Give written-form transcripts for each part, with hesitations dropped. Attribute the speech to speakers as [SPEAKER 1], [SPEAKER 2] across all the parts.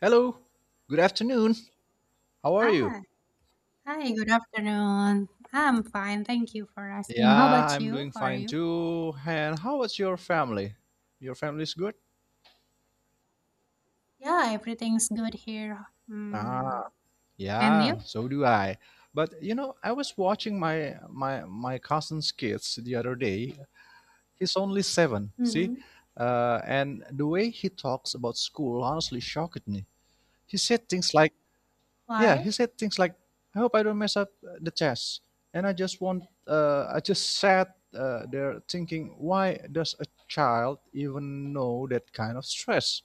[SPEAKER 1] Hello, good afternoon. How are you?
[SPEAKER 2] Ah, hi, good afternoon. I'm fine, thank you for asking. How
[SPEAKER 1] Yeah,
[SPEAKER 2] about
[SPEAKER 1] I'm
[SPEAKER 2] you?
[SPEAKER 1] doing
[SPEAKER 2] How are
[SPEAKER 1] fine
[SPEAKER 2] you?
[SPEAKER 1] too. And how is your family? Your family is good?
[SPEAKER 2] Yeah, everything's good here.
[SPEAKER 1] Ah,
[SPEAKER 2] And
[SPEAKER 1] yeah,
[SPEAKER 2] you?
[SPEAKER 1] so do I. But you know, I was watching my cousin's kids the other day. He's only seven, see?
[SPEAKER 2] Mm-hmm.
[SPEAKER 1] And the way he talks about school honestly shocked me. He said things like... Yeah,
[SPEAKER 2] Why?
[SPEAKER 1] he said things like, "I hope I don't mess up the chess," and I just sat there thinking, why does a child even know that kind of stress?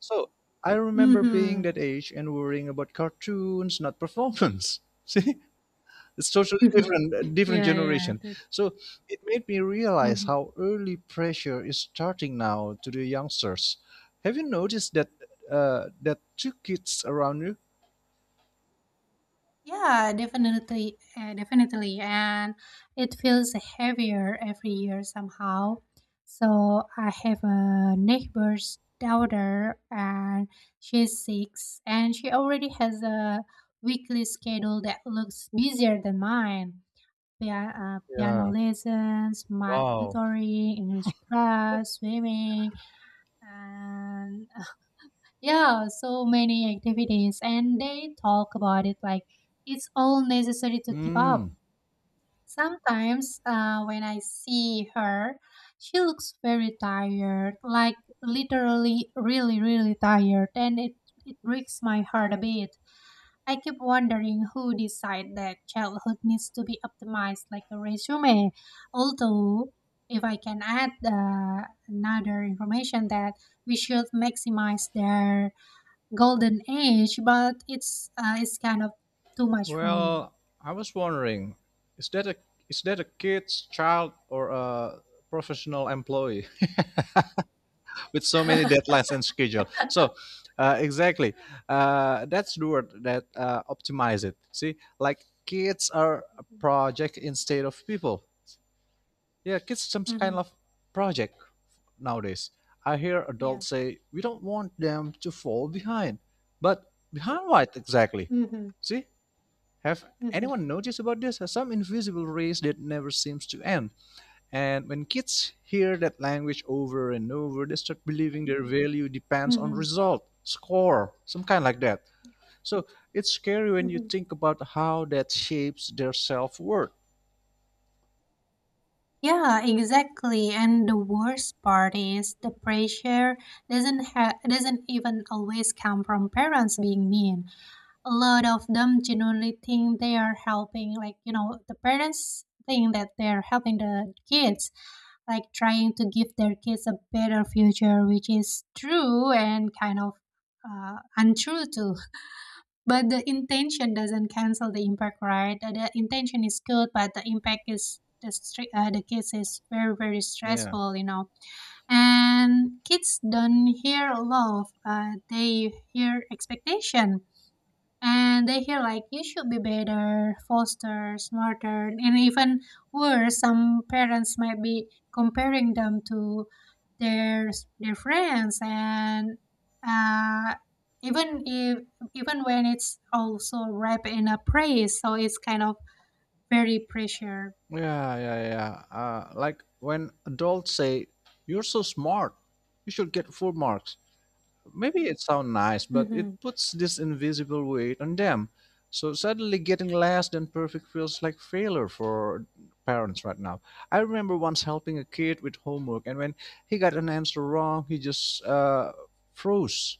[SPEAKER 1] So I remember being
[SPEAKER 2] Mm-hmm.
[SPEAKER 1] that age and worrying about cartoons, not performance. See, it's totally different, a different
[SPEAKER 2] Yeah, yeah.
[SPEAKER 1] generation. So it made me
[SPEAKER 2] That,
[SPEAKER 1] realize how early pressure is starting now to the youngsters. Have you noticed that two kids around you?
[SPEAKER 2] Yeah, definitely, and it feels heavier every year somehow. So I have a neighbor's daughter, and she's six, and she already has a weekly schedule that looks busier than mine. Piano
[SPEAKER 1] Yeah.
[SPEAKER 2] lessons, math
[SPEAKER 1] Wow.
[SPEAKER 2] tutoring, English class, swimming, and yeah, so many activities, and they talk about it like it's all necessary to keep up.
[SPEAKER 1] Hmm.
[SPEAKER 2] Sometimes when I see her, she looks very tired, like literally really, really tired, and it breaks my heart a bit. I keep wondering who decide that childhood needs to be optimized like a resume. Although, if I can add another information that we should maximize their golden age, but it's kind of too much for me.
[SPEAKER 1] Well, I was wondering, is that a is that a kid's child or a professional employee with so many deadlines and schedule? So, exactly. That's the word, that optimize it. See, like kids are a project instead of people. Yeah, kids some kind
[SPEAKER 2] Mm-hmm.
[SPEAKER 1] of project nowadays. I hear
[SPEAKER 2] Yeah.
[SPEAKER 1] adults say we don't want them to fall behind, but behind what exactly?
[SPEAKER 2] Mm-hmm.
[SPEAKER 1] See, have
[SPEAKER 2] Mm-hmm.
[SPEAKER 1] anyone noticed about this? Some invisible race that never seems to end. And when kids hear that language over and over, they start believing their value depends on
[SPEAKER 2] Mm-hmm.
[SPEAKER 1] result, score, some kind like that. So it's scary when you
[SPEAKER 2] Mm-hmm.
[SPEAKER 1] think about how that shapes their self worth.
[SPEAKER 2] Yeah, exactly. And the worst part is the pressure doesn't even always come from parents being mean. A lot of them genuinely think they are helping, like, the parents think that they're helping the kids, like trying to give their kids a better future, which is true and kind of untrue too. But the intention doesn't cancel the impact, right? The intention is good, but the impact is the kids is very very
[SPEAKER 1] Yeah.
[SPEAKER 2] stressful. And kids don't hear love, they hear expectation, and they hear like you should be better, faster, smarter, and even worse, some parents might be comparing them to their their friends and, uh, even if even when it's also wrapped in a praise, so it's kind of very pressure.
[SPEAKER 1] Yeah, yeah, yeah. Like when adults say, "You're so smart, you should get full marks." Maybe it sounds nice, but it
[SPEAKER 2] Mm-hmm.
[SPEAKER 1] puts this invisible weight on them. So suddenly getting less than perfect feels like failure for parents right now. I remember once helping a kid with homework, and when he got an answer wrong, he just froze.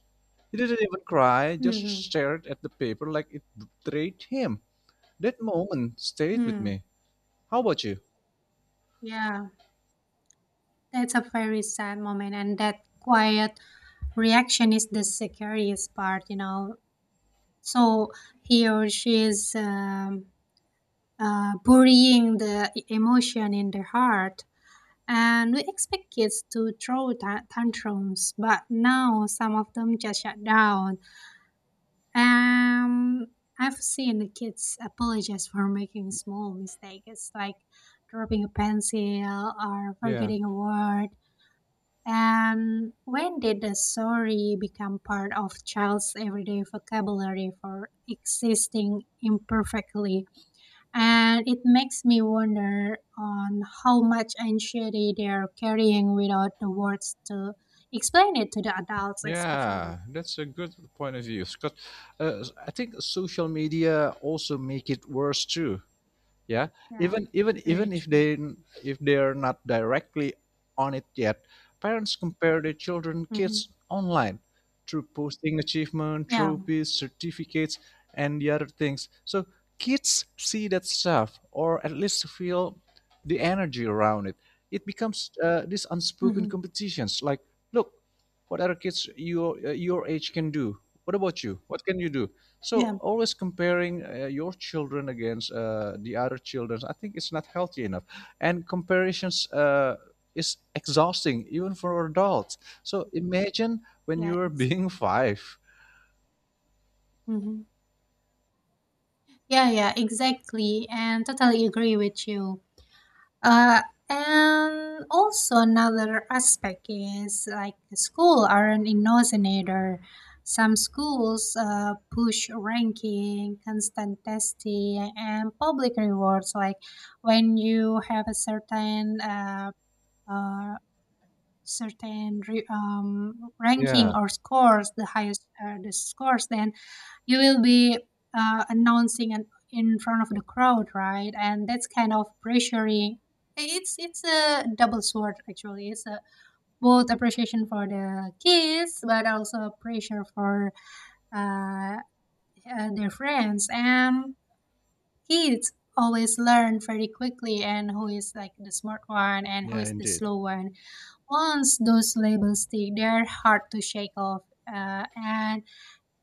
[SPEAKER 1] He didn't even cry, just
[SPEAKER 2] Mm-hmm.
[SPEAKER 1] stared at the paper like it betrayed him. That moment stayed with
[SPEAKER 2] Mm.
[SPEAKER 1] me. How about you?
[SPEAKER 2] Yeah, that's a very sad moment, and that quiet reaction is the scariest part. So he or she is burying the emotion in their heart. And we expect kids to throw tantrums, but now some of them just shut down. Um, I've seen the kids apologize for making small mistakes, like dropping a pencil or
[SPEAKER 1] Yeah.
[SPEAKER 2] forgetting a word, and when did the story become part of child's everyday vocabulary for existing imperfectly? And it makes me wonder on how much anxiety they're carrying without the words to explain it to the adults, especially.
[SPEAKER 1] Yeah, that's a good point of view. Because I think social media also make it worse too, yeah,
[SPEAKER 2] Yeah,
[SPEAKER 1] even
[SPEAKER 2] very
[SPEAKER 1] if
[SPEAKER 2] true.
[SPEAKER 1] they, if they're not directly on it yet, parents compare their children
[SPEAKER 2] Hmm.
[SPEAKER 1] kids online through posting achievement,
[SPEAKER 2] Yeah.
[SPEAKER 1] trophies, certificates and the other things. So kids see that stuff or at least feel the energy around it. It becomes these unspoken
[SPEAKER 2] Hmm.
[SPEAKER 1] competitions like, look what other kids your age can do. What about you? What can you do? So
[SPEAKER 2] Yeah.
[SPEAKER 1] always comparing your children against the other children, I think it's not healthy enough. And comparisons is exhausting even for adults. So imagine when you
[SPEAKER 2] Yeah.
[SPEAKER 1] were
[SPEAKER 2] Exactly.
[SPEAKER 1] being five.
[SPEAKER 2] Hmm. Yeah. Yeah. Exactly. And totally agree with you. Uh, and also another aspect is like the school are an inocinator. Some schools push ranking, constant testing, and public rewards. Like when you have a uh, certain ranking
[SPEAKER 1] Yeah,
[SPEAKER 2] or scores, the highest, the scores, then you will be announcing and in front of the crowd, right? And that's kind of pressuring. It's a double sword actually. It's a both appreciation for the kids, but also pressure for uh, their friends. And kids always learn very quickly and who is like the smart one and who
[SPEAKER 1] yeah,
[SPEAKER 2] is the
[SPEAKER 1] indeed.
[SPEAKER 2] slow one. Once those labels stick, they're hard to shake off uh, and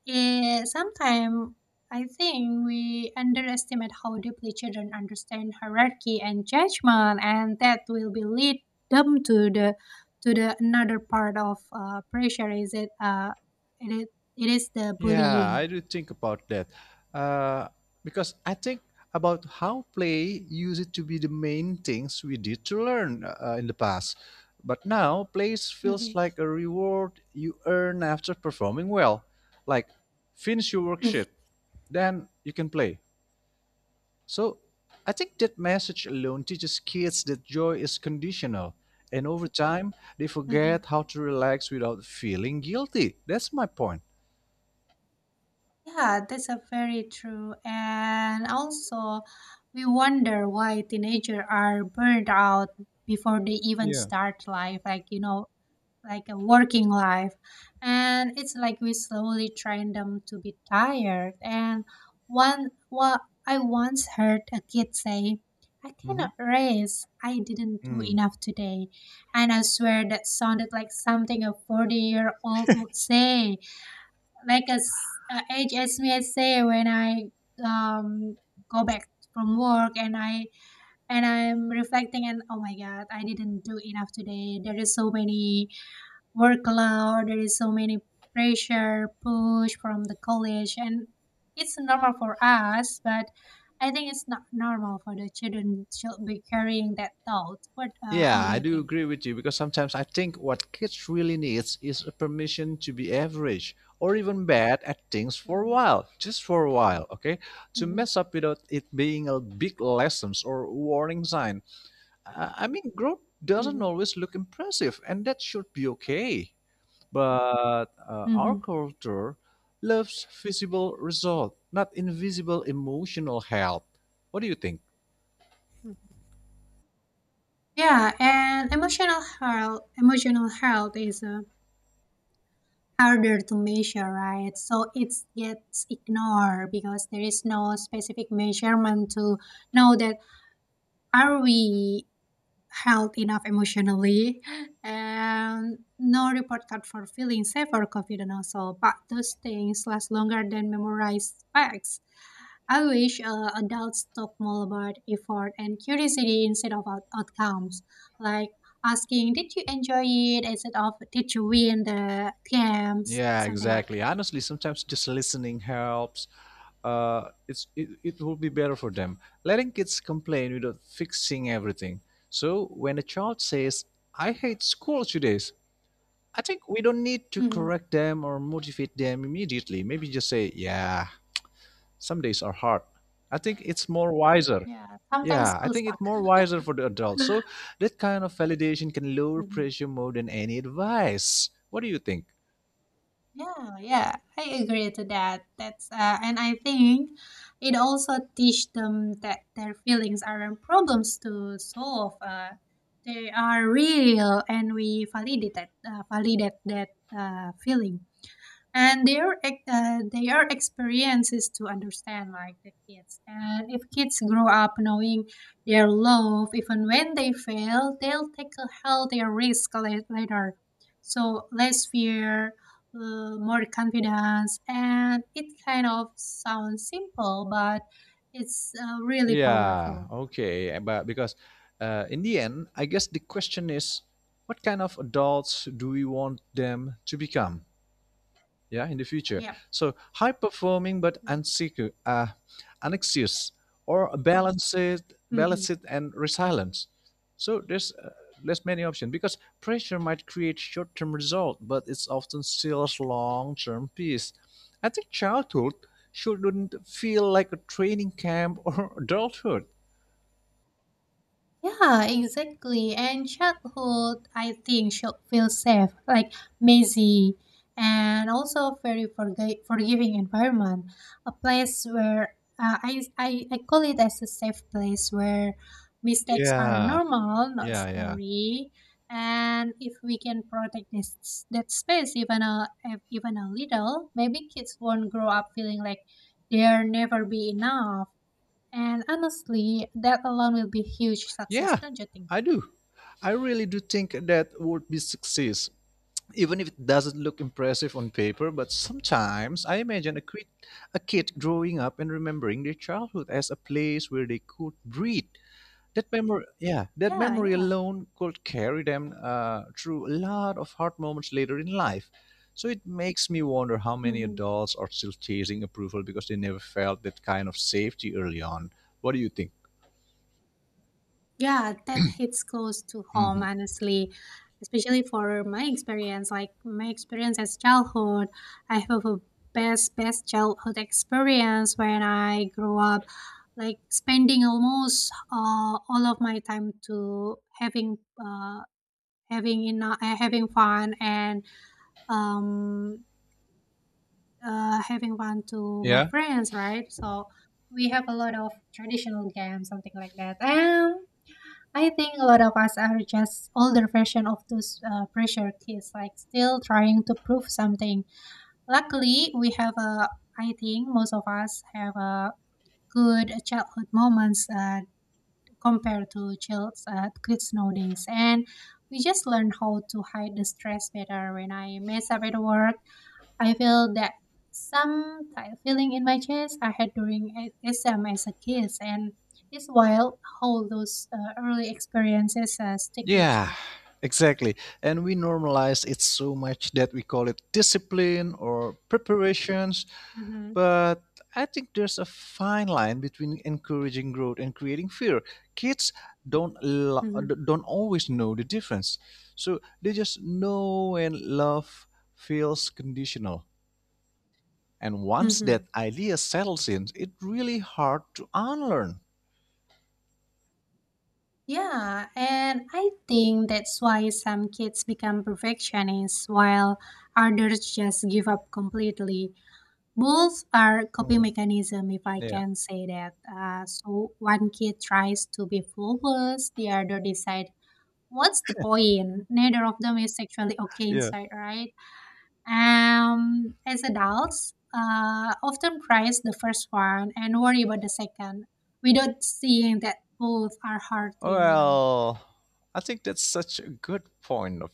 [SPEAKER 2] Sometimes I think we underestimate how deeply children understand hierarchy and judgment, and that will be lead them to the, another part of pressure is it is, it is the
[SPEAKER 1] Yeah,
[SPEAKER 2] bullying.
[SPEAKER 1] I do think about that. Uh, because I think about how play used it to be the main things we did to learn in the past. But now, play feels
[SPEAKER 2] Mhm.
[SPEAKER 1] like a reward you earn after performing well. Like, finish your worksheet, then you can play. So, I think that message alone teaches kids that joy is conditional. And over time, they
[SPEAKER 2] Mhm.
[SPEAKER 1] forget how to relax without feeling guilty. That's my point.
[SPEAKER 2] Yeah, that's a very true. And also, we wonder why teenagers are burned out before they even
[SPEAKER 1] Yeah.
[SPEAKER 2] start life, like a working life. And it's like we slowly train them to be tired. And well, I once heard a kid say, "I
[SPEAKER 1] Hmm.
[SPEAKER 2] cannot race. I didn't do enough today." And I swear that sounded like something a 40-year-old would say, like as age as me I say when I um go back from work, and I'm reflecting and, oh my God, I didn't do enough today. There is so many workload, there is so many pressure push from the college, and it's normal for us, but I think it's not normal for the children should be carrying that thought. what uh,
[SPEAKER 1] Yeah,
[SPEAKER 2] how do
[SPEAKER 1] I
[SPEAKER 2] you
[SPEAKER 1] do
[SPEAKER 2] think?
[SPEAKER 1] agree with you, because sometimes I think what kids really needs is a permission to be average or even bad at things for a
[SPEAKER 2] Mhm.
[SPEAKER 1] while, just for a while, okay? To
[SPEAKER 2] Mhm.
[SPEAKER 1] mess up without it being a big lessons or warning sign. I mean, growth doesn't always look impressive and that should be okay. But our
[SPEAKER 2] Mhm.
[SPEAKER 1] culture loves visible result, not invisible emotional help. What do you think?
[SPEAKER 2] Hmm. Yeah, and emotional health is harder to measure, right? So it gets ignored because there is no specific measurement to know that are we healthy enough emotionally, and no report card for feeling safe or confident also. But those things last longer than memorized facts. I wish adults talk more about effort and curiosity instead of outcomes, like asking, "Did you enjoy it?" instead of "Did you win the games?"
[SPEAKER 1] Yeah,
[SPEAKER 2] Something like
[SPEAKER 1] exactly.
[SPEAKER 2] that.
[SPEAKER 1] Honestly, sometimes just listening helps. It will be better for them. Letting kids complain without fixing everything. So when a child says, "I hate school today," I think we don't need to
[SPEAKER 2] Hmm.
[SPEAKER 1] correct them or motivate them immediately. Maybe just say, "Yeah, some days are hard." I think it's more wiser.
[SPEAKER 2] Yeah, sometimes
[SPEAKER 1] Yeah, I
[SPEAKER 2] schools
[SPEAKER 1] think it's
[SPEAKER 2] suck.
[SPEAKER 1] more wiser for the adults. So that kind of validation can lower
[SPEAKER 2] Mhm.
[SPEAKER 1] pressure more than any advice. What do you think?
[SPEAKER 2] Yeah, yeah, I agree to that. That's and I think it also teach them that their feelings aren't problems to solve. They are real, and we validate that feeling, and their experiences to understand like the kids. And if kids grow up knowing their love even when they fail, they'll take a healthier risk later, so less fear, more confidence, and it kind of sounds simple, but it's really
[SPEAKER 1] Yeah,
[SPEAKER 2] powerful.
[SPEAKER 1] okay. Eh, but because in the end, I guess the question is, what kind of adults do we want them to become? Yeah, in the future.
[SPEAKER 2] Yeah.
[SPEAKER 1] So high performing but
[SPEAKER 2] Mhm.
[SPEAKER 1] unsecure, anxious, or balanced and resilient. So there's many
[SPEAKER 2] Mhm.
[SPEAKER 1] options, because pressure might create short-term result, but it's often steals long-term peace. I think childhood shouldn't feel like a training camp or adulthood.
[SPEAKER 2] Yeah, exactly. And childhood, I think, should feel safe, like messy, and also very forgiving environment. A place where I call it as a safe place where mistakes are
[SPEAKER 1] Yeah,
[SPEAKER 2] normal, not
[SPEAKER 1] yeah, yeah,
[SPEAKER 2] scary. And if we can protect this that space even a, little, maybe kids won't grow up feeling like they'll never be enough. And honestly, that alone will be huge success,
[SPEAKER 1] yeah.
[SPEAKER 2] don't you think?
[SPEAKER 1] I do. I really do think that would be success, even if it doesn't look impressive on paper. But sometimes I imagine a kid
[SPEAKER 2] Mhm.
[SPEAKER 1] growing up and remembering their childhood as a place where they could breathe. That memory, yeah, that
[SPEAKER 2] Yeah,
[SPEAKER 1] memory
[SPEAKER 2] yeah.
[SPEAKER 1] alone could carry them through a lot of hard moments later in life. So it makes me wonder how many
[SPEAKER 2] Hmm.
[SPEAKER 1] adults are still chasing approval because they never felt that kind of safety early on. What do you think?
[SPEAKER 2] Yeah, that hits close to home, honestly. Especially for my experience, like my experience as childhood, I have a best childhood experience when I grew up, like spending almost all of my time to uh, having fun, and um having fun to my
[SPEAKER 1] Yeah.
[SPEAKER 2] friends, right? So we have a lot of traditional games, something like that. And I think a lot of us are just older version of those pressure kids, like still trying to prove something. Luckily, we have a. I think most of us have a good childhood moments compared to kids nowadays, and we just learn how to hide the stress better. When I mess up at work, I feel that some type feeling in my chest I had during S M as a kid, and it's wild how those early experiences stick with
[SPEAKER 1] Yeah,
[SPEAKER 2] you.
[SPEAKER 1] exactly. And we normalize it so much that we call it discipline or preparations.
[SPEAKER 2] Hmm.
[SPEAKER 1] But I think there's a fine line between encouraging growth and creating fear. Kids don't lo-
[SPEAKER 2] Hmm.
[SPEAKER 1] don't always know the difference. So they just know and love feels conditional. And once that
[SPEAKER 2] Hmm.
[SPEAKER 1] idea settles in, it's really hard to unlearn.
[SPEAKER 2] Yeah, and I think that's why some kids become perfectionists while others just give up completely. Both are coping
[SPEAKER 1] Mm,
[SPEAKER 2] mechanism, if I
[SPEAKER 1] yeah.
[SPEAKER 2] can say that. So one kid tries to be flawless, the other decides what's the point? Neither of them is actually okay
[SPEAKER 1] Yeah.
[SPEAKER 2] inside, right? As adults, often praise the first one and worry about the second without seeing that both are hurting.
[SPEAKER 1] Well, I think that's such a good point. Of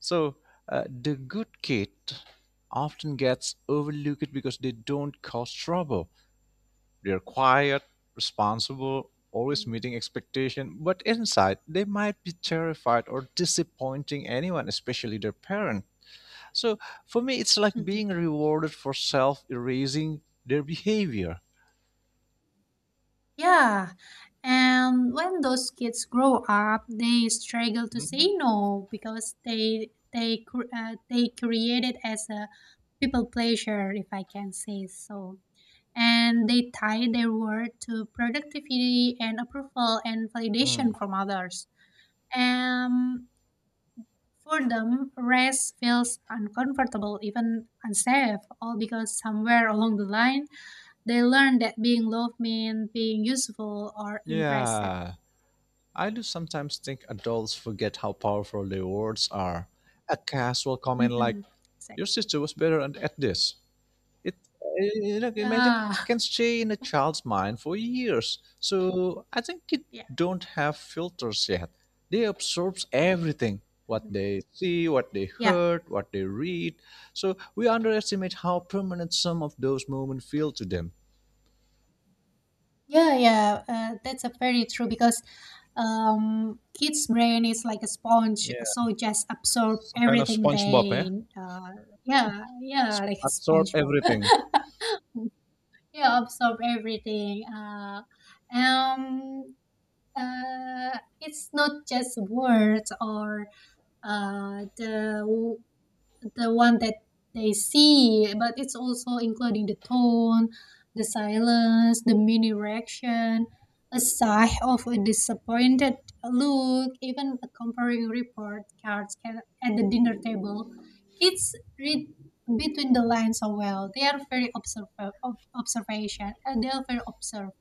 [SPEAKER 1] so, the good kid often gets overlooked because they don't cause trouble. They're quiet, responsible, always
[SPEAKER 2] Mm.
[SPEAKER 1] meeting expectation, but inside they might be terrified or disappointing anyone, especially their parent. So, for me, it's like
[SPEAKER 2] Mhm.
[SPEAKER 1] being rewarded for self-erasing their behavior.
[SPEAKER 2] Yeah. And when those kids grow up, they struggle to
[SPEAKER 1] Mhm.
[SPEAKER 2] say no because they created as a people pleasure, if I can say so. And they tie their worth to productivity and approval and
[SPEAKER 1] Mm.
[SPEAKER 2] validation from others. Um, for them, rest feels uncomfortable, even unsafe, all because somewhere along the line they learned that being loved means being useful or impressive.
[SPEAKER 1] Yeah. I do sometimes think adults forget how powerful their words are. A casual comment like,
[SPEAKER 2] Mhm.
[SPEAKER 1] "Your
[SPEAKER 2] Exactly.
[SPEAKER 1] sister was better at this," it, you know, imagine,
[SPEAKER 2] Yeah.
[SPEAKER 1] can stay in a child's mind for years. So I think kids
[SPEAKER 2] Yeah.
[SPEAKER 1] don't have filters yet. They absorb everything, what
[SPEAKER 2] Mhm.
[SPEAKER 1] they see, what they
[SPEAKER 2] Yeah.
[SPEAKER 1] heard, what they read. So we underestimate how permanent some of those moments feel to them.
[SPEAKER 2] Yeah, yeah, that's a very true because kids' brain is like a sponge,
[SPEAKER 1] Yeah,
[SPEAKER 2] so just absorb
[SPEAKER 1] some kind of
[SPEAKER 2] everything
[SPEAKER 1] SpongeBob, eh?
[SPEAKER 2] they. Uh, yeah, yeah, like a
[SPEAKER 1] Absorb
[SPEAKER 2] SpongeBob.
[SPEAKER 1] everything.
[SPEAKER 2] Yeah, absorb everything. Um, it's not just words or uh, the the one that they see, but it's also including the tone, the silence, the mini reaction, a sigh of a disappointed look, even a comparing report cards can, at the dinner table. Kids read between the lines so well. They are very observation, and they are very observed.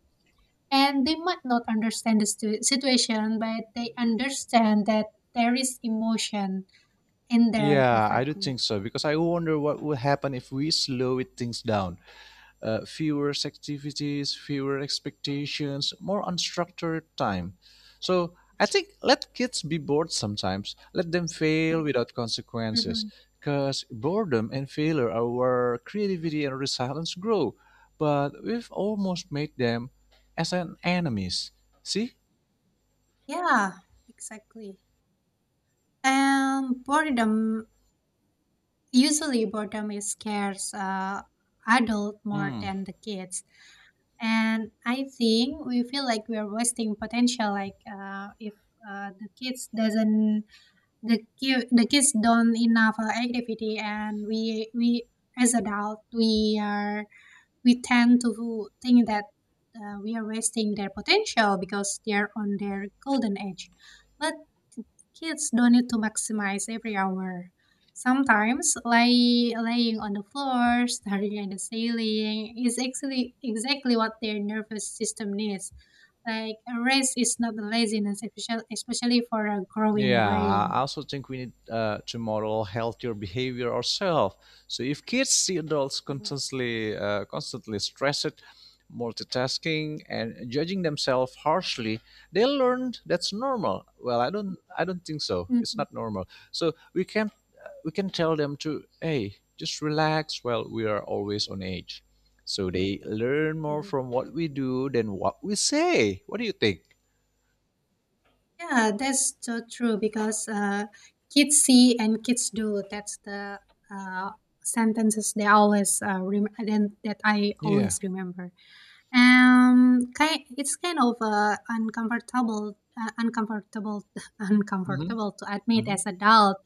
[SPEAKER 2] And they might not understand the situation, but they understand that there is emotion in there
[SPEAKER 1] Yeah, I do
[SPEAKER 2] perfectly.
[SPEAKER 1] think so, because I wonder what would happen if we slow it things down. Fewer activities, fewer expectations, more unstructured time. So I think let kids be bored sometimes. Let them fail without consequences.
[SPEAKER 2] Mhm.
[SPEAKER 1] Because boredom and failure are where creativity and resilience grow. But we've almost made them as an enemies. See?
[SPEAKER 2] Yeah, exactly. Boredom, usually boredom is scares adult more
[SPEAKER 1] Hmm.
[SPEAKER 2] than the kids. And I think we feel like we are wasting potential. Like if the kids doesn't, the ki- the kids don't enough activity, and as adult we are we tend to think that we are wasting their potential because they are on their golden age. But kids don't need to maximize every hour. Sometimes laying on the floor, staring at the ceiling is actually exactly what their nervous system needs. Like a rest is not laziness, especially for a growing
[SPEAKER 1] Yeah, I
[SPEAKER 2] brain.
[SPEAKER 1] also think we need to model healthier behavior ourselves. So if kids see adults
[SPEAKER 2] Mhm.
[SPEAKER 1] constantly stressed, multitasking, and judging themselves harshly, they learn that's normal. Well, I don't think so. It's not normal. So we can tell them to, hey, just relax. Well, we are always on edge, so they learn more
[SPEAKER 2] Mhm.
[SPEAKER 1] from what we do than what we say. What do you think?
[SPEAKER 2] Yeah, that's so true because kids see and kids do. That's the uh, sentences they always, then that I
[SPEAKER 1] Yeah.
[SPEAKER 2] always remember. Ki It's kind of uncomfortable, uncomfortable, uncomfortable to admit
[SPEAKER 1] Hmm.
[SPEAKER 2] as adult.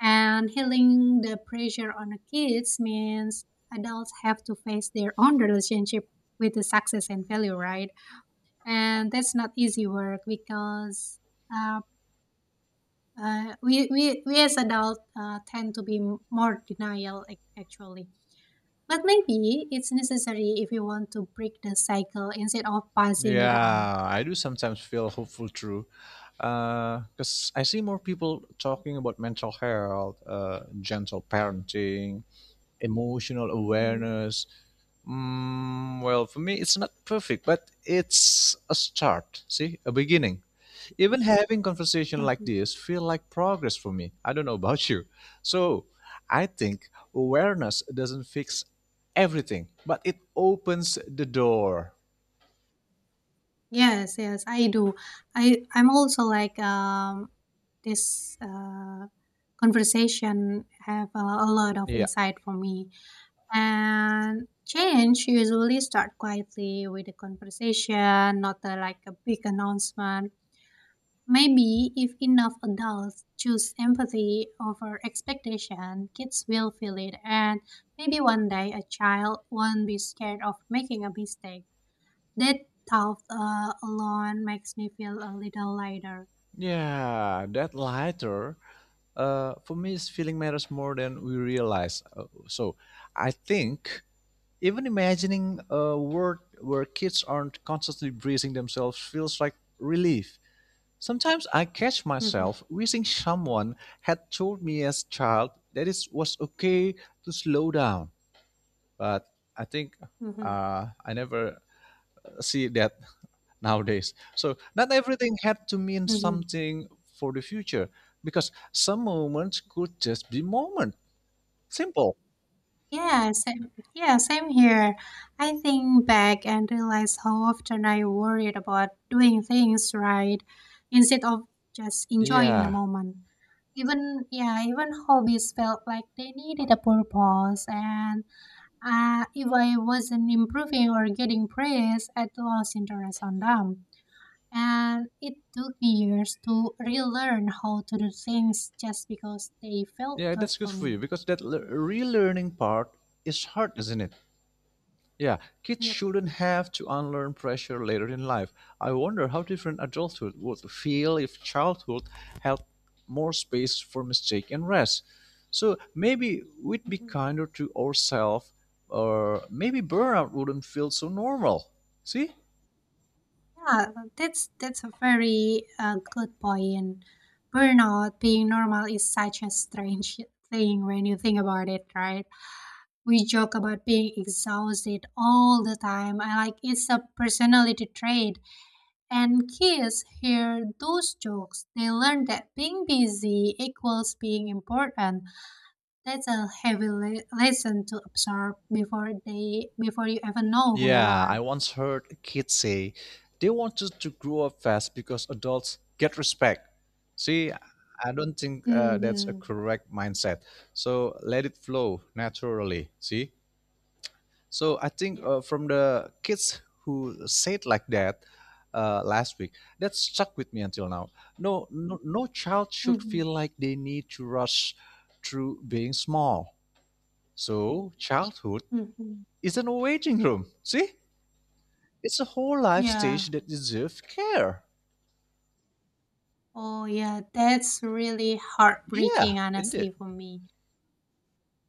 [SPEAKER 2] And healing the pressure on the kids means adults have to face their own relationship with the success and failure, right? And that's not easy work because. uh, uh, we, we, we as adults tend to be more denial actually, but maybe it's necessary if you want to break the cycle instead of passing it on.
[SPEAKER 1] Yeah, I do sometimes feel hopeful too, because I see more people talking about mental health, gentle parenting, emotional
[SPEAKER 2] hmm
[SPEAKER 1] awareness. Mm, well, for me, it's not perfect, but it's a start. See, a beginning. Even having conversation like
[SPEAKER 2] hmm
[SPEAKER 1] this feel like progress for me. I don't know about you. So, I think awareness doesn't fix everything, but it opens the door.
[SPEAKER 2] yes, yes, I do. I'm also like this conversation have a lot of
[SPEAKER 1] Yeah,
[SPEAKER 2] insight for me, and change usually start quietly with a conversation, not a, like a big announcement. Maybe if enough adults choose empathy over expectation, kids will feel it, and maybe one day a child won't be scared of making a mistake. That thought alone makes me feel a little lighter.
[SPEAKER 1] yeah, that lighter. For me, is feeling matters more than we realize. So, I think even imagining a world where kids aren't constantly bracing themselves feels like relief. Sometimes I catch
[SPEAKER 2] hmm
[SPEAKER 1] myself wishing someone had told me as child that it was okay to slow down. But I think
[SPEAKER 2] hmm
[SPEAKER 1] I never see that nowadays. So not everything had to mean
[SPEAKER 2] hmm
[SPEAKER 1] something for the future, because some moments could just be moment. Simple.
[SPEAKER 2] Yeah, same, yeah, same here. I think back and realize how often I worried about doing things right instead of just enjoying the
[SPEAKER 1] Yeah.
[SPEAKER 2] moment. Even yeah, even hobbies felt like they needed a purpose, and if I wasn't improving or getting praise, I'd lost interest on them. And it took me years to relearn how to do things just because they felt
[SPEAKER 1] Yeah,
[SPEAKER 2] good
[SPEAKER 1] that's good
[SPEAKER 2] for
[SPEAKER 1] for
[SPEAKER 2] me.
[SPEAKER 1] you, because that relearning part is hard, isn't it? Yeah, kids
[SPEAKER 2] Yep.
[SPEAKER 1] shouldn't have to unlearn pressure later in life. I wonder how different adulthood would feel if childhood had more space for mistake and rest. So maybe we'd be
[SPEAKER 2] Mm-hmm.
[SPEAKER 1] kinder to ourselves, or maybe burnout wouldn't feel so normal. See?
[SPEAKER 2] Yeah, that's a very good point. Burnout being normal is such a strange thing when you think about it, right? We joke about being exhausted all the time. I like it's a personality trait. And kids hear those jokes. They learn that being busy equals being important. That's a heavy lesson to absorb before you ever know who you
[SPEAKER 1] Yeah, I
[SPEAKER 2] are.
[SPEAKER 1] once heard a kid say they wanted to grow up fast because adults get respect. See, I don't think that's a
[SPEAKER 2] Mm-hmm.
[SPEAKER 1] correct mindset. So let it flow naturally. See? So I think
[SPEAKER 2] Yeah.
[SPEAKER 1] from the kids who said like that last week, that stuck with me until now. No, no, no child should feel like they need to rush through being small. So childhood
[SPEAKER 2] Mm-hmm.
[SPEAKER 1] is an waiting room. See? It's a whole life stage
[SPEAKER 2] Yeah.
[SPEAKER 1] that deserves care.
[SPEAKER 2] Oh, yeah. That's really
[SPEAKER 1] Yeah,
[SPEAKER 2] heartbreaking, honestly,
[SPEAKER 1] indeed.
[SPEAKER 2] for me.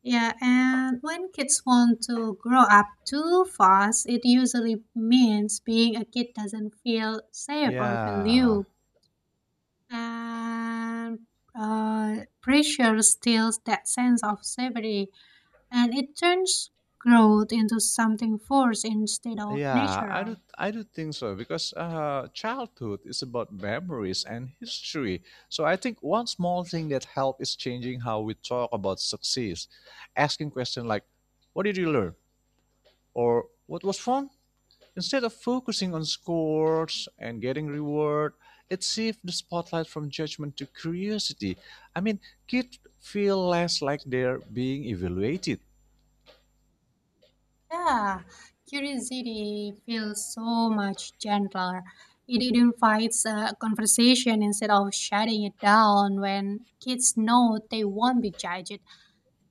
[SPEAKER 2] Yeah. And when kids want to grow up too fast, it usually means being a kid doesn't feel safe or
[SPEAKER 1] Yeah,
[SPEAKER 2] valued. And pressure steals that sense of safety. And it turns growth into something forced instead of
[SPEAKER 1] yeah,
[SPEAKER 2] natural.
[SPEAKER 1] I do think so, because childhood is about memories and history. So I think one small thing that help is changing how we talk about success, asking questions like, "What did you learn?" or "What was fun?" Instead of focusing on scores and getting reward, it shifts the spotlight from judgment to curiosity. I mean, kids feel less like they're being evaluated.
[SPEAKER 2] Yeah, curiosity feels so much gentler. It invites a conversation instead of shutting it down. When kids know they won't be judged,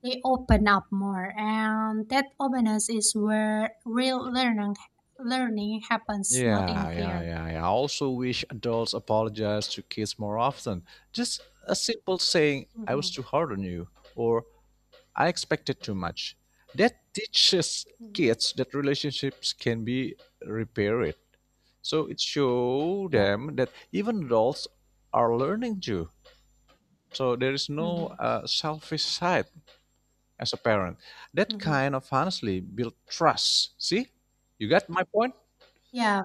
[SPEAKER 2] they open up more, and that openness is where real learning happens, not in a
[SPEAKER 1] Yeah, yeah,
[SPEAKER 2] fear.
[SPEAKER 1] yeah, yeah. I also wish adults apologize to kids more often. Just a simple saying, I was
[SPEAKER 2] Mm-hmm.
[SPEAKER 1] too hard on you, or I expected too much. That teaches
[SPEAKER 2] Mm-hmm.
[SPEAKER 1] kids that relationships can be repaired. So it shows
[SPEAKER 2] Yeah.
[SPEAKER 1] them that even adults are learning too. So there is no
[SPEAKER 2] Mm-hmm.
[SPEAKER 1] selfish side as a parent. That
[SPEAKER 2] Mm-hmm.
[SPEAKER 1] kind of honestly build trust. See, you got my point?
[SPEAKER 2] Yeah.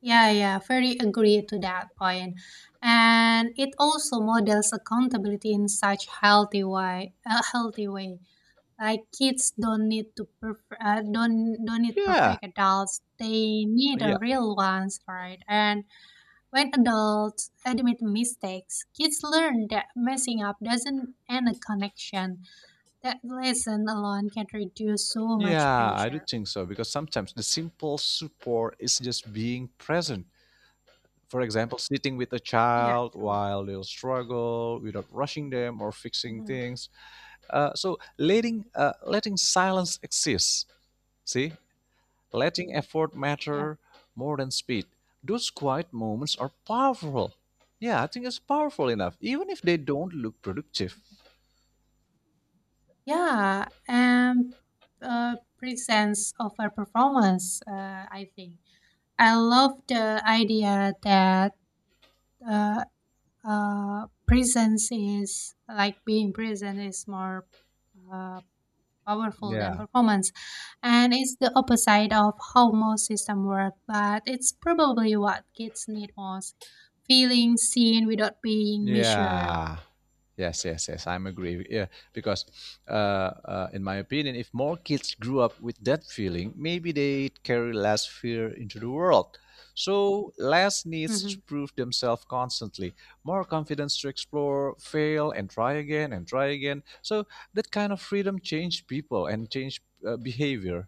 [SPEAKER 2] Yeah, yeah, very agree to that point. And it also models accountability in such healthy way, a healthy way. Like kids don't need to don't need
[SPEAKER 1] Yeah,
[SPEAKER 2] perfect adults. They need a
[SPEAKER 1] yeah,
[SPEAKER 2] real ones, right? And when adults admit mistakes, kids learn that messing up doesn't end a connection. That lesson alone can reduce so much
[SPEAKER 1] yeah. I do
[SPEAKER 2] pressure.
[SPEAKER 1] think so because sometimes the simple support is just being present. For example, sitting with a
[SPEAKER 2] Yeah,
[SPEAKER 1] child
[SPEAKER 2] true.
[SPEAKER 1] while they'll struggle without rushing them or fixing
[SPEAKER 2] Hmm.
[SPEAKER 1] things. So letting letting silence exist. See, letting effort
[SPEAKER 2] Yeah.
[SPEAKER 1] matter more than speed. Those quiet moments are powerful. Yeah, I think it's powerful enough, even if they don't look productive.
[SPEAKER 2] Yeah, and presence of a performance, I think. I love the idea that uh, presence is like being present is more uh, powerful than
[SPEAKER 1] Yeah.
[SPEAKER 2] performance. And it's the opposite of how most system work, but it's probably what kids need most, feeling seen without being measured.
[SPEAKER 1] Yeah. Yes, yes, yes. I'm agree. Yeah, because uh, in my opinion, if more kids grew up with that feeling, maybe they carry less fear into the world. So less needs to
[SPEAKER 2] Mm-hmm.
[SPEAKER 1] prove themselves constantly, more confidence to explore, fail, and try again and try again. So that kind of freedom changed people and changed behavior.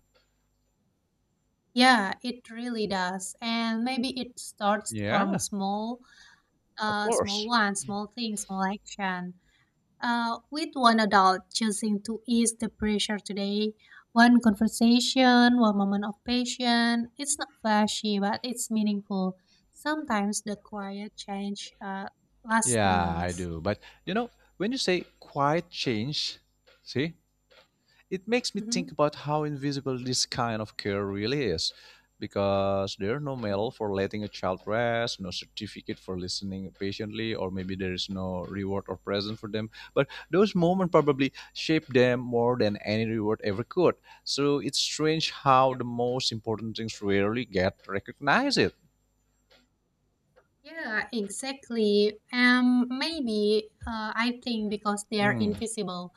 [SPEAKER 2] Yeah, it really does. And maybe it starts from
[SPEAKER 1] Yeah,
[SPEAKER 2] small,
[SPEAKER 1] of
[SPEAKER 2] small
[SPEAKER 1] course.
[SPEAKER 2] ones, small things, small action. With one adult choosing to ease the pressure today, one conversation, one moment of patience, it's not flashy, but it's meaningful. Sometimes the quiet change lasts the
[SPEAKER 1] Yeah, I
[SPEAKER 2] longest.
[SPEAKER 1] do. But you know, when you say quiet change, see, it makes me think
[SPEAKER 2] Mm-hmm.
[SPEAKER 1] about how invisible this kind of care really is, because there are no
[SPEAKER 2] Mm-hmm.
[SPEAKER 1] medal for letting a child rest, no certificate for listening patiently, or maybe there is no reward or present for them, but those moments probably shape them more than any reward ever could. So it's strange how
[SPEAKER 2] Yep.
[SPEAKER 1] the most important things rarely get recognized.
[SPEAKER 2] Yeah, exactly. Maybe I think because they are
[SPEAKER 1] Hmm.
[SPEAKER 2] invisible,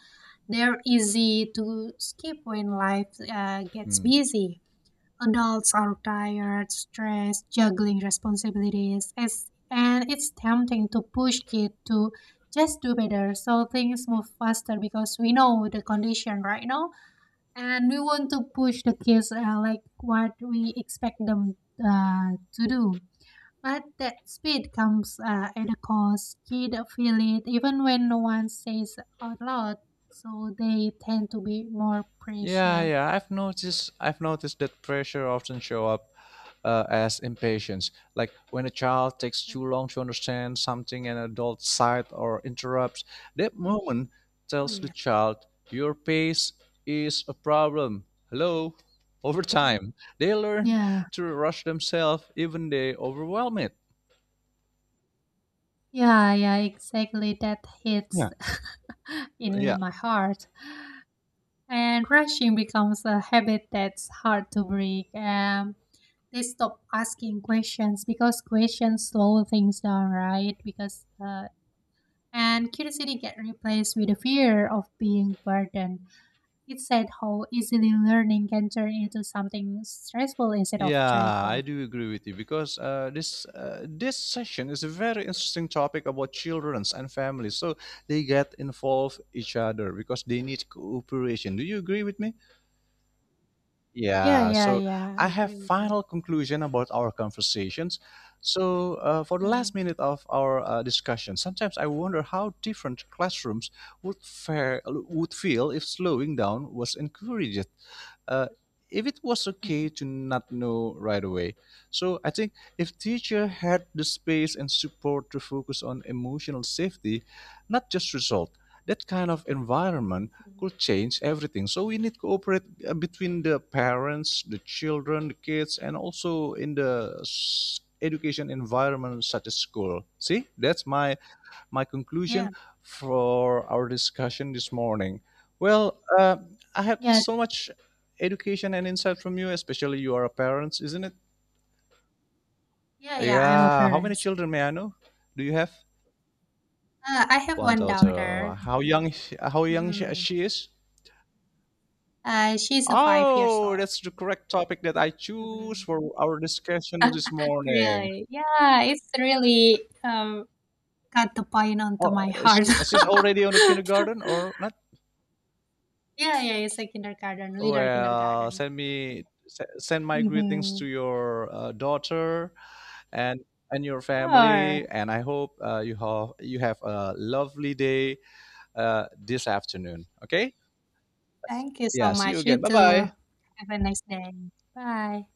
[SPEAKER 2] they're easy to skip when life gets
[SPEAKER 1] Hmm.
[SPEAKER 2] busy. Adults are tired, stressed, juggling responsibilities, as, and it's tempting to push kids to just do better. So things move faster because we know the condition right now, and we want to push the kids like what we expect them to do, but that speed comes at a cost. Kids feel it even when no one says out loud, so they tend to be more
[SPEAKER 1] Yeah,
[SPEAKER 2] pressure.
[SPEAKER 1] yeah. I've noticed. I've noticed that pressure often show up as impatience, like when a child takes too
[SPEAKER 2] Mhm.
[SPEAKER 1] long to understand something an adult side or interrupts. That moment
[SPEAKER 2] Oh,
[SPEAKER 1] tells the
[SPEAKER 2] yeah.
[SPEAKER 1] child, "Your pace is a problem." Hello. Over time, they learn
[SPEAKER 2] Yeah,
[SPEAKER 1] to rush themselves, even they overwhelm it.
[SPEAKER 2] yeah, yeah, exactly. That
[SPEAKER 1] Yeah.
[SPEAKER 2] hits
[SPEAKER 1] Yeah.
[SPEAKER 2] in my heart. And rushing becomes a habit that's hard to break. They stop asking questions because questions slow things down, right? Because and curiosity get replaced with a fear of being burdened. It's sad how easily learning can turn into something stressful instead of
[SPEAKER 1] Yeah, I
[SPEAKER 2] joyful.
[SPEAKER 1] do agree with you because this this session is a very interesting topic about childrens and families. So they get involved each other because they need cooperation. Do you agree with me?
[SPEAKER 2] Yeah,
[SPEAKER 1] Yeah,
[SPEAKER 2] yeah,
[SPEAKER 1] so
[SPEAKER 2] yeah. I
[SPEAKER 1] I have
[SPEAKER 2] agree with you.
[SPEAKER 1] final conclusion about our conversations. So for the last
[SPEAKER 2] Mhm,
[SPEAKER 1] minute of our discussion, sometimes I wonder how different classrooms would feel if slowing down was encouraged. Uh, if it was okay
[SPEAKER 2] mhm,
[SPEAKER 1] to not know right away. So I think if teacher had the space and support to focus on emotional safety, not just result, that kind of environment
[SPEAKER 2] mhm.
[SPEAKER 1] could change everything. So we need cooperate between the parents, the children, the kids, and also in the education environment such as school. See, that's my conclusion
[SPEAKER 2] Yeah,
[SPEAKER 1] for our discussion this morning. Well, I had
[SPEAKER 2] yeah,
[SPEAKER 1] so much education and insight from you, especially you are a parent, isn't it?
[SPEAKER 2] yeah, yeah. I'm a
[SPEAKER 1] Yeah. How many
[SPEAKER 2] parent.
[SPEAKER 1] children may I know? Do you have?
[SPEAKER 2] I have
[SPEAKER 1] One
[SPEAKER 2] one
[SPEAKER 1] daughter.
[SPEAKER 2] daughter.
[SPEAKER 1] How young? How young
[SPEAKER 2] mm
[SPEAKER 1] she is?
[SPEAKER 2] She's a 5 years
[SPEAKER 1] Oh,
[SPEAKER 2] old.
[SPEAKER 1] that's the correct topic that I choose
[SPEAKER 2] Mhm.
[SPEAKER 1] for our discussion this morning.
[SPEAKER 2] Really? Yeah, it's really got the pain onto
[SPEAKER 1] Oh,
[SPEAKER 2] my heart.
[SPEAKER 1] she's already on the kindergarten or not?
[SPEAKER 2] Yeah, yeah, it's a kindergarten, little
[SPEAKER 1] Well,
[SPEAKER 2] kindergarten.
[SPEAKER 1] send my greetings to
[SPEAKER 2] Mhm.
[SPEAKER 1] your daughter and your
[SPEAKER 2] Sure.
[SPEAKER 1] family, and I hope you have a lovely day this afternoon. Okay?
[SPEAKER 2] Thank you so
[SPEAKER 1] Yeah, see you
[SPEAKER 2] much.
[SPEAKER 1] again.
[SPEAKER 2] You
[SPEAKER 1] Bye
[SPEAKER 2] too.
[SPEAKER 1] bye.
[SPEAKER 2] Have a nice day. Bye.